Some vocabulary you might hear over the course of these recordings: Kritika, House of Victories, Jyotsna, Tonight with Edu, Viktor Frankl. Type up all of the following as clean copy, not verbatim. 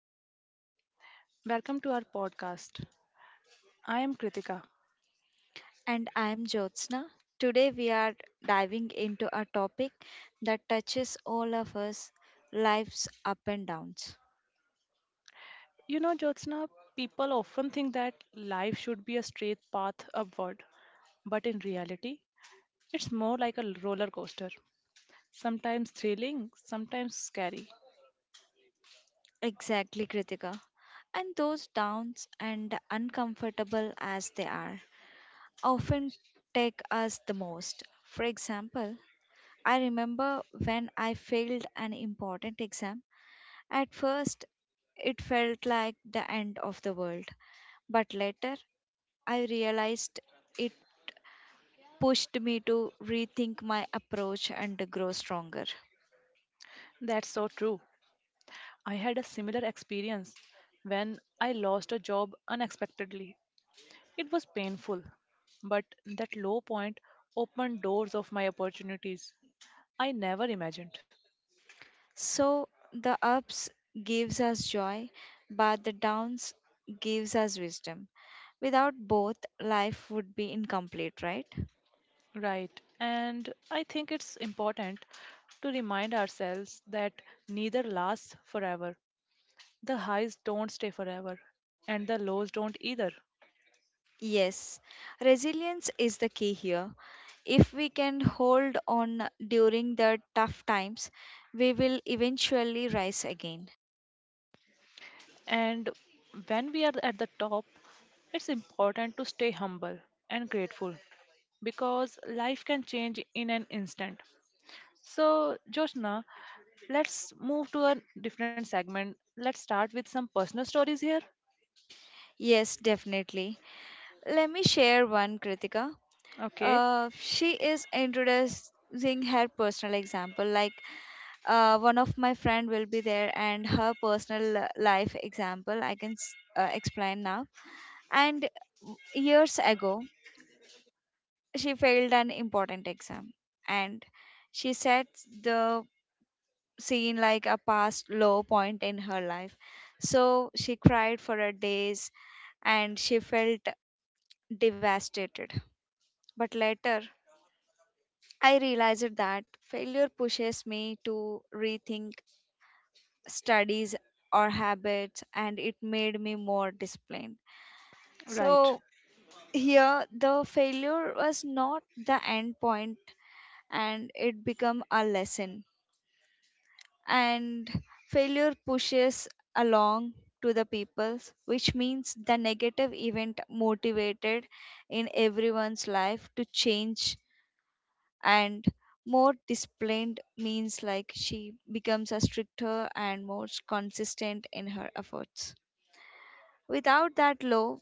everyone. Welcome to our podcast. I am Kritika. And I'm Jyotsna. Today we are diving into a topic that touches all of us life's up and downs. You know, Jyotsna, people often think that life should be a straight path upward, but in reality, it's more like a roller coaster. Sometimes thrilling, sometimes scary. Exactly, Kritika. And those downs, and uncomfortable as they are, often take us the most. For example, I remember when I failed an important exam. At first, it felt like the end of the world, but later I realized it pushed me to rethink my approach and grow stronger. That's so true. I had a similar experience when I lost a job unexpectedly. It was painful, but that low point opened doors of my opportunities I never imagined. So the ups gives us joy, but the downs gives us wisdom. Without both, life would be incomplete, right? Right. And I think it's important to remind ourselves that neither lasts forever. The highs don't stay forever, and the lows don't either. Yes, resilience is the key here. If we can hold on during the tough times, we will eventually rise again. And when we are at the top, it's important to stay humble and grateful because life can change in an instant. So, Joshna, let's move to a different segment. Let's start with some personal stories here. Yes, definitely. Let me share one, Kritika. Okay, She is introducing her personal example, like one of my friend will be there, and her personal life example I can explain now. And years ago, she failed an important exam, and she set the scene like a past low point in her life. So she cried for a days, and she felt devastated. But later I realized that failure pushes me to rethink studies or habits, and it made me more disciplined. right. So here the failure was not the end point, and it became a lesson. And failure pushes along to the peoples, which means the negative event motivated in everyone's life to change. And more disciplined means like she becomes a stricter and more consistent in her efforts. Without that law,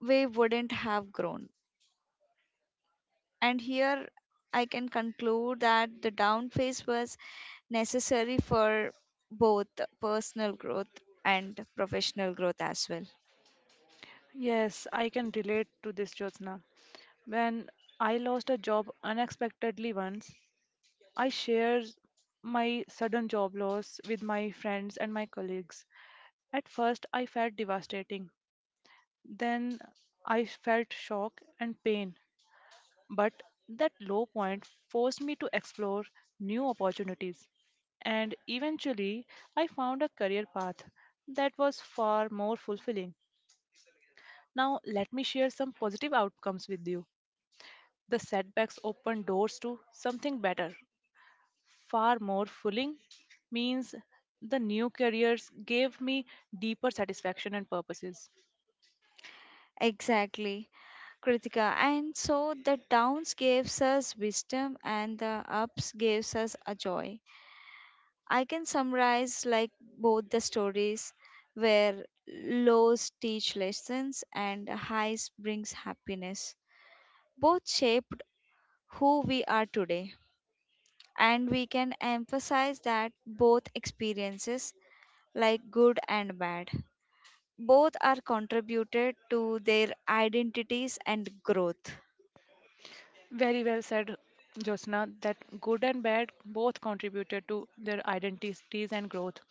we wouldn't have grown. And here I can conclude that the down phase was necessary for both personal growth and professional growth as well. Yes, I can relate to this, Jyotsna. When I lost a job unexpectedly once, I shared my sudden job loss with my friends and my colleagues. At first, I felt devastating. Then I felt shock and pain. But that low point forced me to explore new opportunities. And eventually, I found a career path that was far more fulfilling. Now, let me share some positive outcomes with you. The setbacks open doors to something better, far more fulfilling means the new careers gave me deeper satisfaction and purposes. Exactly, Kritika. And so the downs gives us wisdom and the ups gives us a joy. I can summarize like both the stories where lows teach lessons and highs brings happiness. Both shaped who we are today, and we can emphasize that both experiences, like good and bad, both are contributed to their identities and growth. Very well said, Josna, that good and bad both contributed to their identities and growth.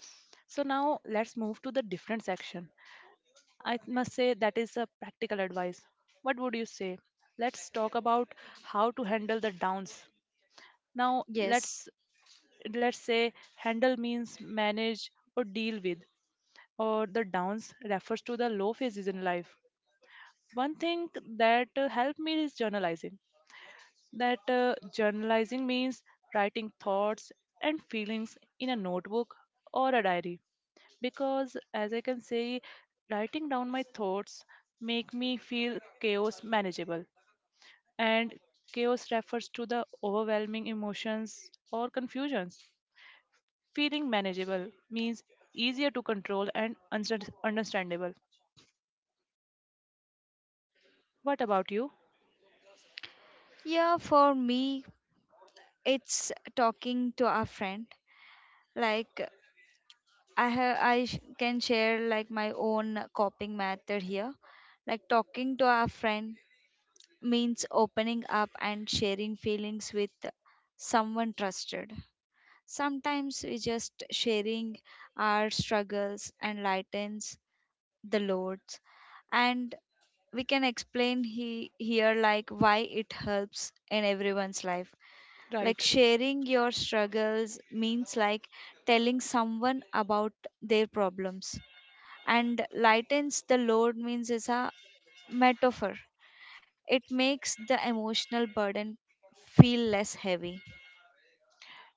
So now let's move to the different section. I must say that is a practical advice. What would you say? Let's talk about how to handle the downs. Now Yes. let's let's say handle means manage or deal with, or the downs refers to the low phases in life. One thing that helped me is journalizing. That journalizing means writing thoughts and feelings in a notebook or a diary, because as I can say, writing down my thoughts make me feel chaos manageable. And chaos refers to the overwhelming emotions or confusions. Feeling manageable means easier to control and understandable. What about you? Yeah, for me, it's talking to a friend. Like I can share like my own coping method here. Like talking to our friend means opening up and sharing feelings with someone trusted. Sometimes we just sharing our struggles and lightens the loads. And we can explain here like why it helps in everyone's life. Like Right. sharing your struggles means like telling someone about their problems, and lightens the load means is a metaphor. It makes the emotional burden feel less heavy.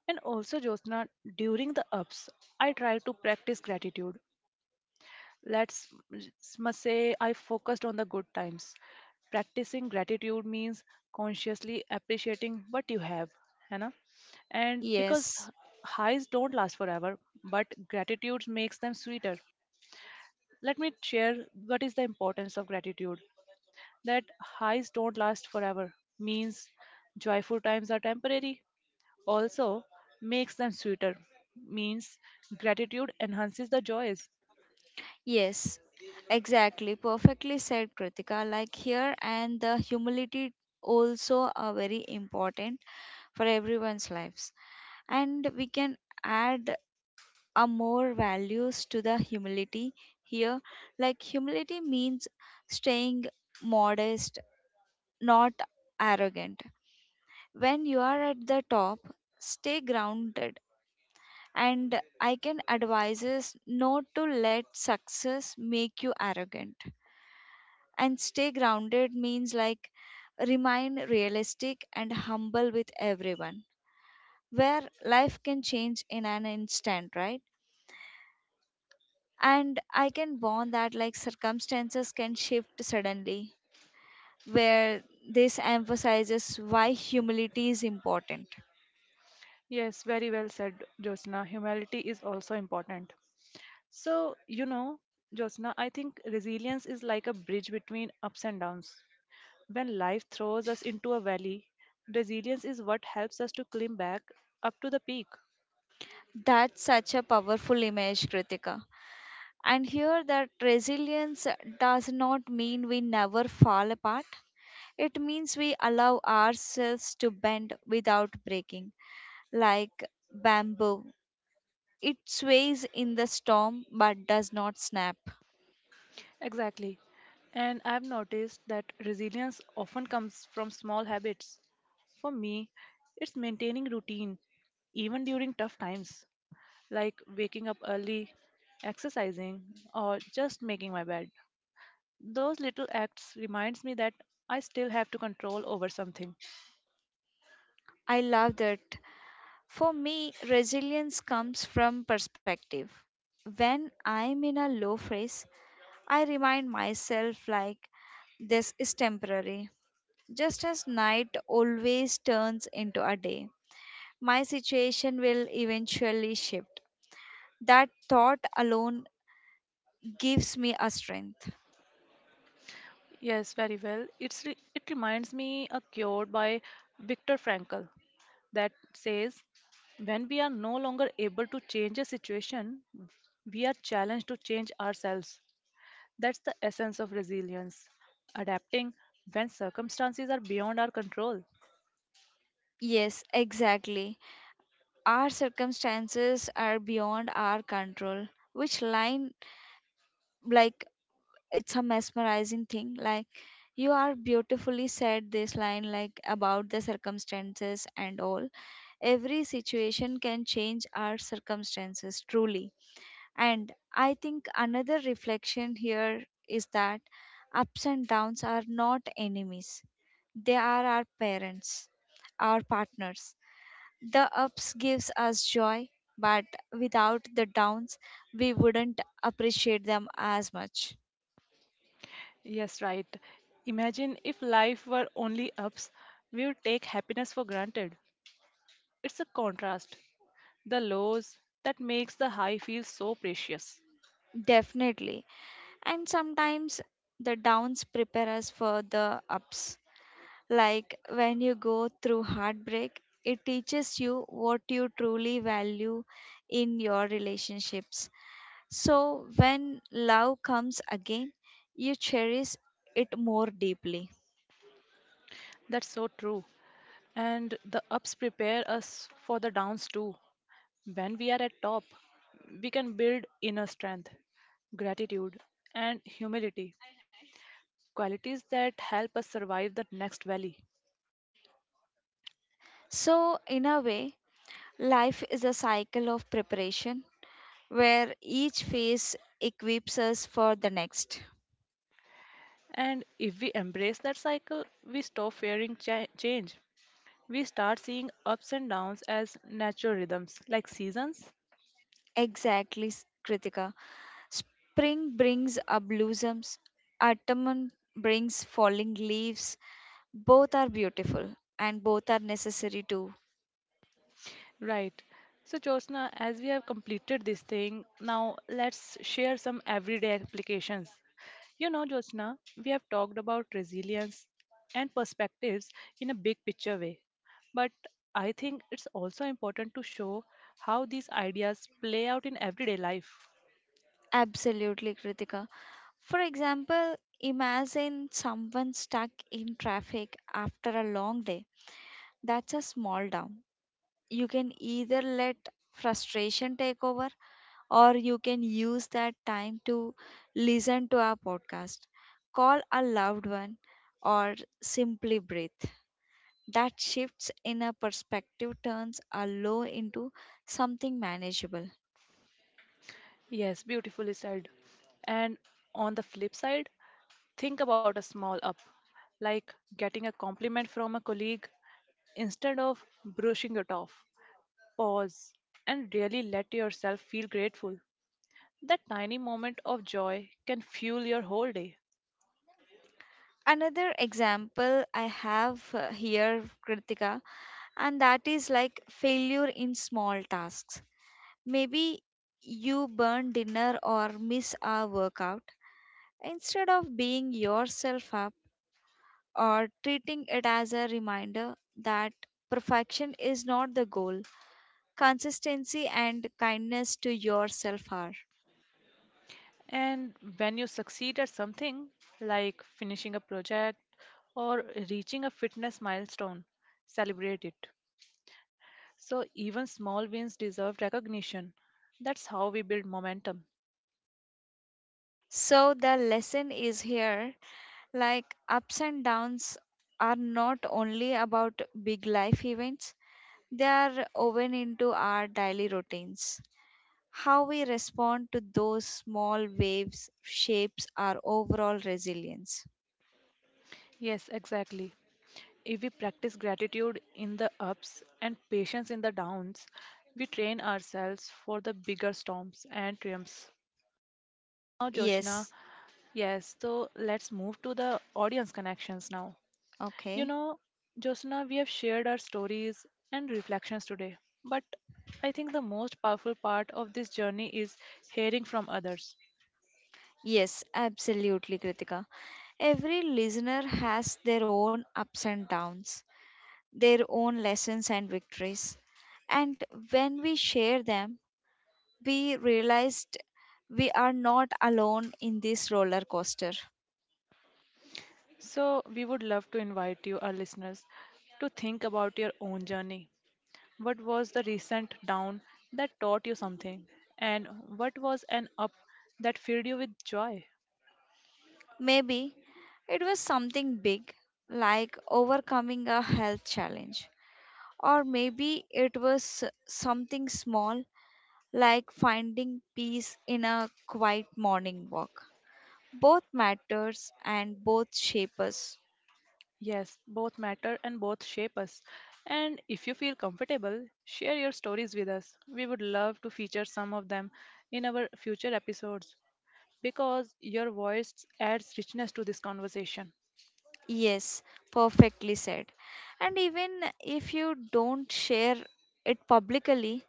And also, Jyotsna, during the ups, I try to practice gratitude. Let's must say I focused on the good times. Practicing gratitude means consciously appreciating what you have, है ना? And because Yes, highs don't last forever, but gratitude makes them sweeter. Let me share what is the importance of gratitude. That highs don't last forever means joyful times are temporary. Also, makes them sweeter means gratitude enhances the joys. yes, exactly. Perfectly said, Kritika. Like here, and the humility also are very important for everyone's lives. And we can add a more values to the humility here. Like humility means staying modest, not arrogant. When you are at the top, stay grounded. And I can advise is not to let success make you arrogant. And stay grounded means like remain realistic and humble with everyone, where life can change in an instant, right? And I can bond that like circumstances can shift suddenly, where this emphasizes why humility is important. Yes, very well said, Josna. Humility is also important. So, you know, Josna, I think resilience is like a bridge between ups and downs. When life throws us into a valley, resilience is what helps us to climb back up to the peak. That's such a powerful image, Kritika. And here that resilience does not mean we never fall apart. It means we allow ourselves to bend without breaking, like bamboo. It sways in the storm but does not snap. Exactly. And I've noticed that resilience often comes from small habits. For me, it's maintaining routine, even during tough times, like waking up early, exercising, or just making my bed. Those little acts reminds me that I still have to control over something. I love that. For me, resilience comes from perspective. When I'm in a low phase, I remind myself like this is temporary. Just as night always turns into a day, my situation will eventually shift. That thought alone gives me a strength. Yes, very well. It reminds me a quote by Viktor Frankl that says, "When we are no longer able to change a situation, we are challenged to change ourselves." That's the essence of resilience, adapting when circumstances are beyond our control. Yes, exactly. Our circumstances are beyond our control. Which line, like, it's a mesmerizing thing. Like, you are beautifully said this line, like, about the circumstances and all. Every situation can change our circumstances, truly. And I think another reflection here is that ups and downs are not enemies. They are our parents, our partners. The ups gives us joy, but without the downs, we wouldn't appreciate them as much. Yes, right. Imagine if life were only ups, we would take happiness for granted. It's a contrast. The lows that makes the high feel so precious. Definitely. And sometimes the downs prepare us for the ups. Like when you go through heartbreak, it teaches you what you truly value in your relationships. So when love comes again, you cherish it more deeply. That's so true. And the ups prepare us for the downs too. When we are at top, we can build inner strength, gratitude, and humility, qualities that help us survive the next valley. So, in a way, life is a cycle of preparation where each phase equips us for the next. And if we embrace that cycle, we stop fearing change. We start seeing ups and downs as natural rhythms, like seasons. Exactly, Kritika. Spring brings up blossoms, autumn brings falling leaves, both are beautiful and both are necessary too. Right. So, Josna, as we have completed this thing, now let's share some everyday applications. You know, Josna, we have talked about resilience and perspectives in a big picture way. But I think it's also important to show how these ideas play out in everyday life. Absolutely, Kritika. For example, imagine someone stuck in traffic after a long day. That's a small down. You can either let frustration take over, or you can use that time to listen to our podcast, call a loved one, or simply breathe. That shifts in a perspective turns a low into something manageable. Yes, beautifully said. And on the flip side, think about a small up, like getting a compliment from a colleague. Instead of brushing it off, pause, and really let yourself feel grateful. That tiny moment of joy can fuel your whole day. Another example I have here, Kritika, and that is like failure in small tasks. Maybe you burn dinner or miss a workout, instead of being yourself up or treating it as a reminder that perfection is not the goal, consistency and kindness to yourself are. And when you succeed at something, like finishing a project or reaching a fitness milestone, celebrate it. So, even small wins deserve recognition. That's how we build momentum. So the lesson is here like ups and downs are not only about big life events. They are woven into our daily routines. How we respond to those small waves shapes our overall resilience. Yes, exactly. If we practice gratitude in the ups and patience in the downs, we train ourselves for the bigger storms and triumphs. Now, Jyotsna, Yes, yes, so let's move to the audience connections now. You okay. know, Jyotsna, we have shared our stories and reflections today, but I think the most powerful part of this journey is hearing from others. Yes, absolutely, Kritika. Every listener has their own ups and downs, their own lessons and victories. And when we share them, we realized we are not alone in this roller coaster. So, we would love to invite you, our listeners, to think about your own journey. What was the recent down that taught you something? And what was an up that filled you with joy? Maybe it was something big, like overcoming a health challenge. Or maybe it was something small, like finding peace in a quiet morning walk. Both matters and both shape us. Yes, both matter and both shape us. And if you feel comfortable, share your stories with us. We would love to feature some of them in our future episodes, because your voice adds richness to this conversation. Yes, perfectly said. And even if you don't share it publicly,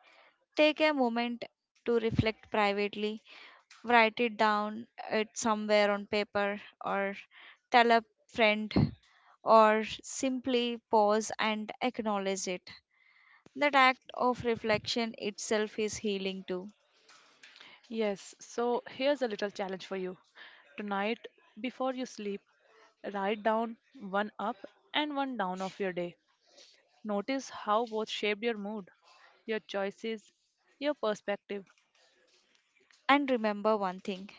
take a moment to reflect privately, write it down, it somewhere on paper, or tell a friend, or simply pause and acknowledge it. That act of reflection itself is healing too. Yes, so here's a little challenge for you. Tonight, before you sleep, write down one up and one down of your day. Notice how both shaped your mood, your choices, your perspective. And remember one thing,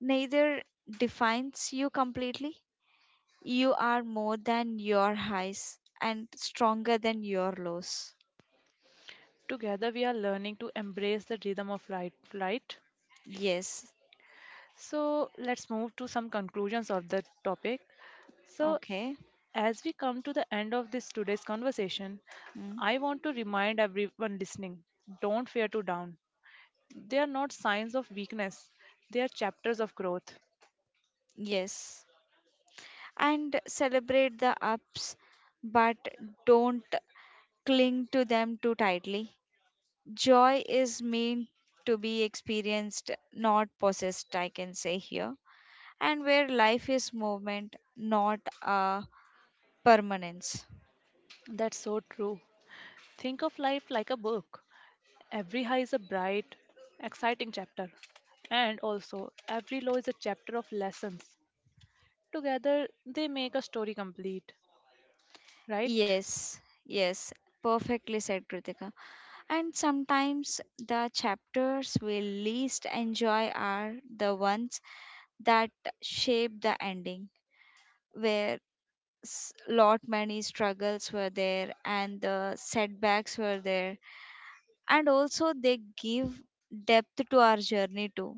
neither defines you completely. You are more than your highs and stronger than your lows. Together, we are learning to embrace the rhythm of light, flight. Yes, So, let's move to some conclusions of the topic. So, okay. as we come to the end of this today's conversation, Mm. I want to remind everyone listening, don't fear to down. They are not signs of weakness, they are chapters of growth. Yes, and celebrate the ups, but don't cling to them too tightly. Joy is meant to be experienced, not possessed, I can say here, and where life is movement, not a permanence. That's so true. Think of life like a book. Every high is a bright, exciting chapter, and also every low is a chapter of lessons. Together, they make a story complete, right? Yes, yes, perfectly said, Kritika. And sometimes the chapters we least enjoy are the ones that shape the ending, where lot many struggles were there and the setbacks were there, and also they give depth to our journey too.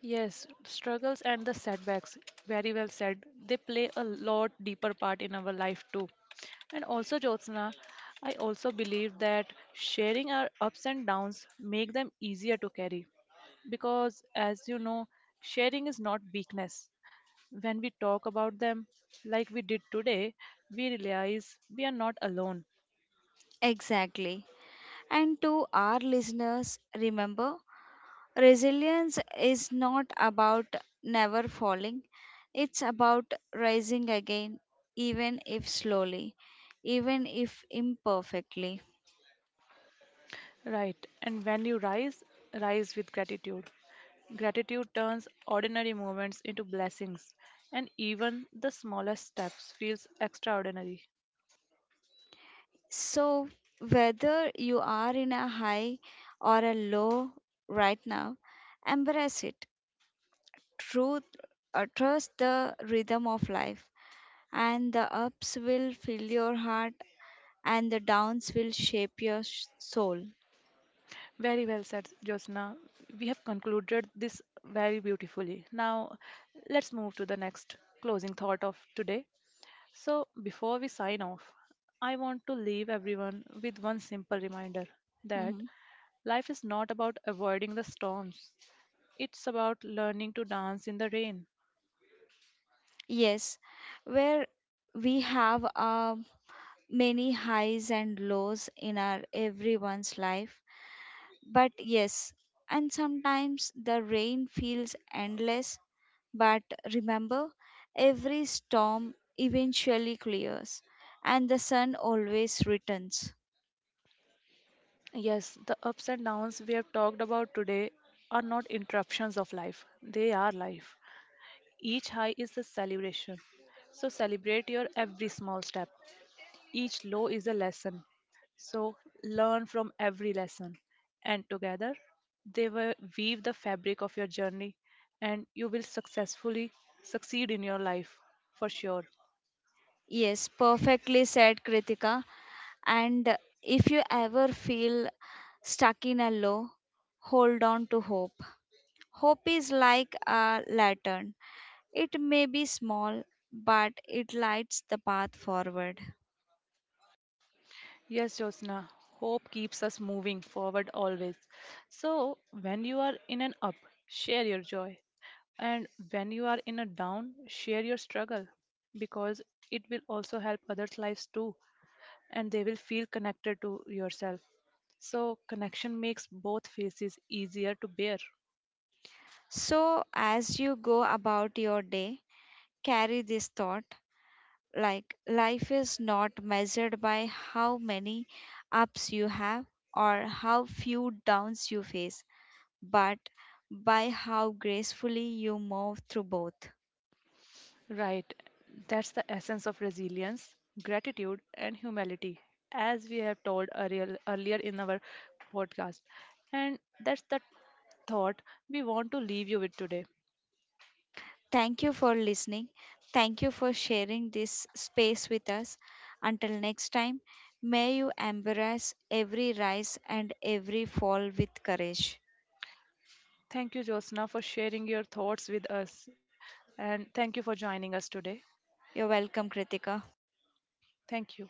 Yes, struggles and the setbacks. Very well said. They play a lot deeper part in our life too. And also, Jyotsna, I also believe that sharing our ups and downs make them easier to carry. Because, as you know, sharing is not weakness. When we talk about them, like we did today, we realize we are not alone. Exactly. And to our listeners, remember, resilience is not about never falling, it's about rising again, even if slowly, even if imperfectly. Right. And when you rise, rise with gratitude. Gratitude turns ordinary moments into blessings, and even the smallest steps feels extraordinary. So, whether you are in a high or a low right now, embrace it. Truth, Trust the rhythm of life, and the ups will fill your heart and the downs will shape your soul. Very well said, Josna. We have concluded this very beautifully. Now, let's move to the next closing thought of today. So, before we sign off, I want to leave everyone with one simple reminder, that Mhm. life is not about avoiding the storms, it's about learning to dance in the rain. Yes, where we have many highs and lows in our everyone's life. But yes, and sometimes the rain feels endless. But remember, every storm eventually clears and the sun always returns. Yes, the ups and downs we have talked about today are not interruptions of life, they are life. Each high is a celebration. So celebrate your every small step. Each low is a lesson. So learn from every lesson. And together, they will weave the fabric of your journey, and you will successfully succeed in your life for sure. Yes, perfectly said, Kritika. And if you ever feel stuck in a low, hold on to hope. Hope is like a lantern. It may be small, but it lights the path forward. Yes, Josna. Hope keeps us moving forward always. So, when you are in an up, share your joy. And when you are in a down, share your struggle, because it will also help others' lives too, and they will feel connected to yourself. So, connection makes both faces easier to bear. So, as you go about your day, carry this thought like life is not measured by how many ups you have or how few downs you face, but by how gracefully you move through both. Right. That's the essence of resilience, gratitude, and humility, as we have told earlier in our podcast. And that's the thought we want to leave you with today. Thank you for listening. Thank you for sharing this space with us. Until next time, may you embrace every rise and every fall with courage. Thank you, Josna, for sharing your thoughts with us. And thank you for joining us today. You're welcome, Kritika. Thank you.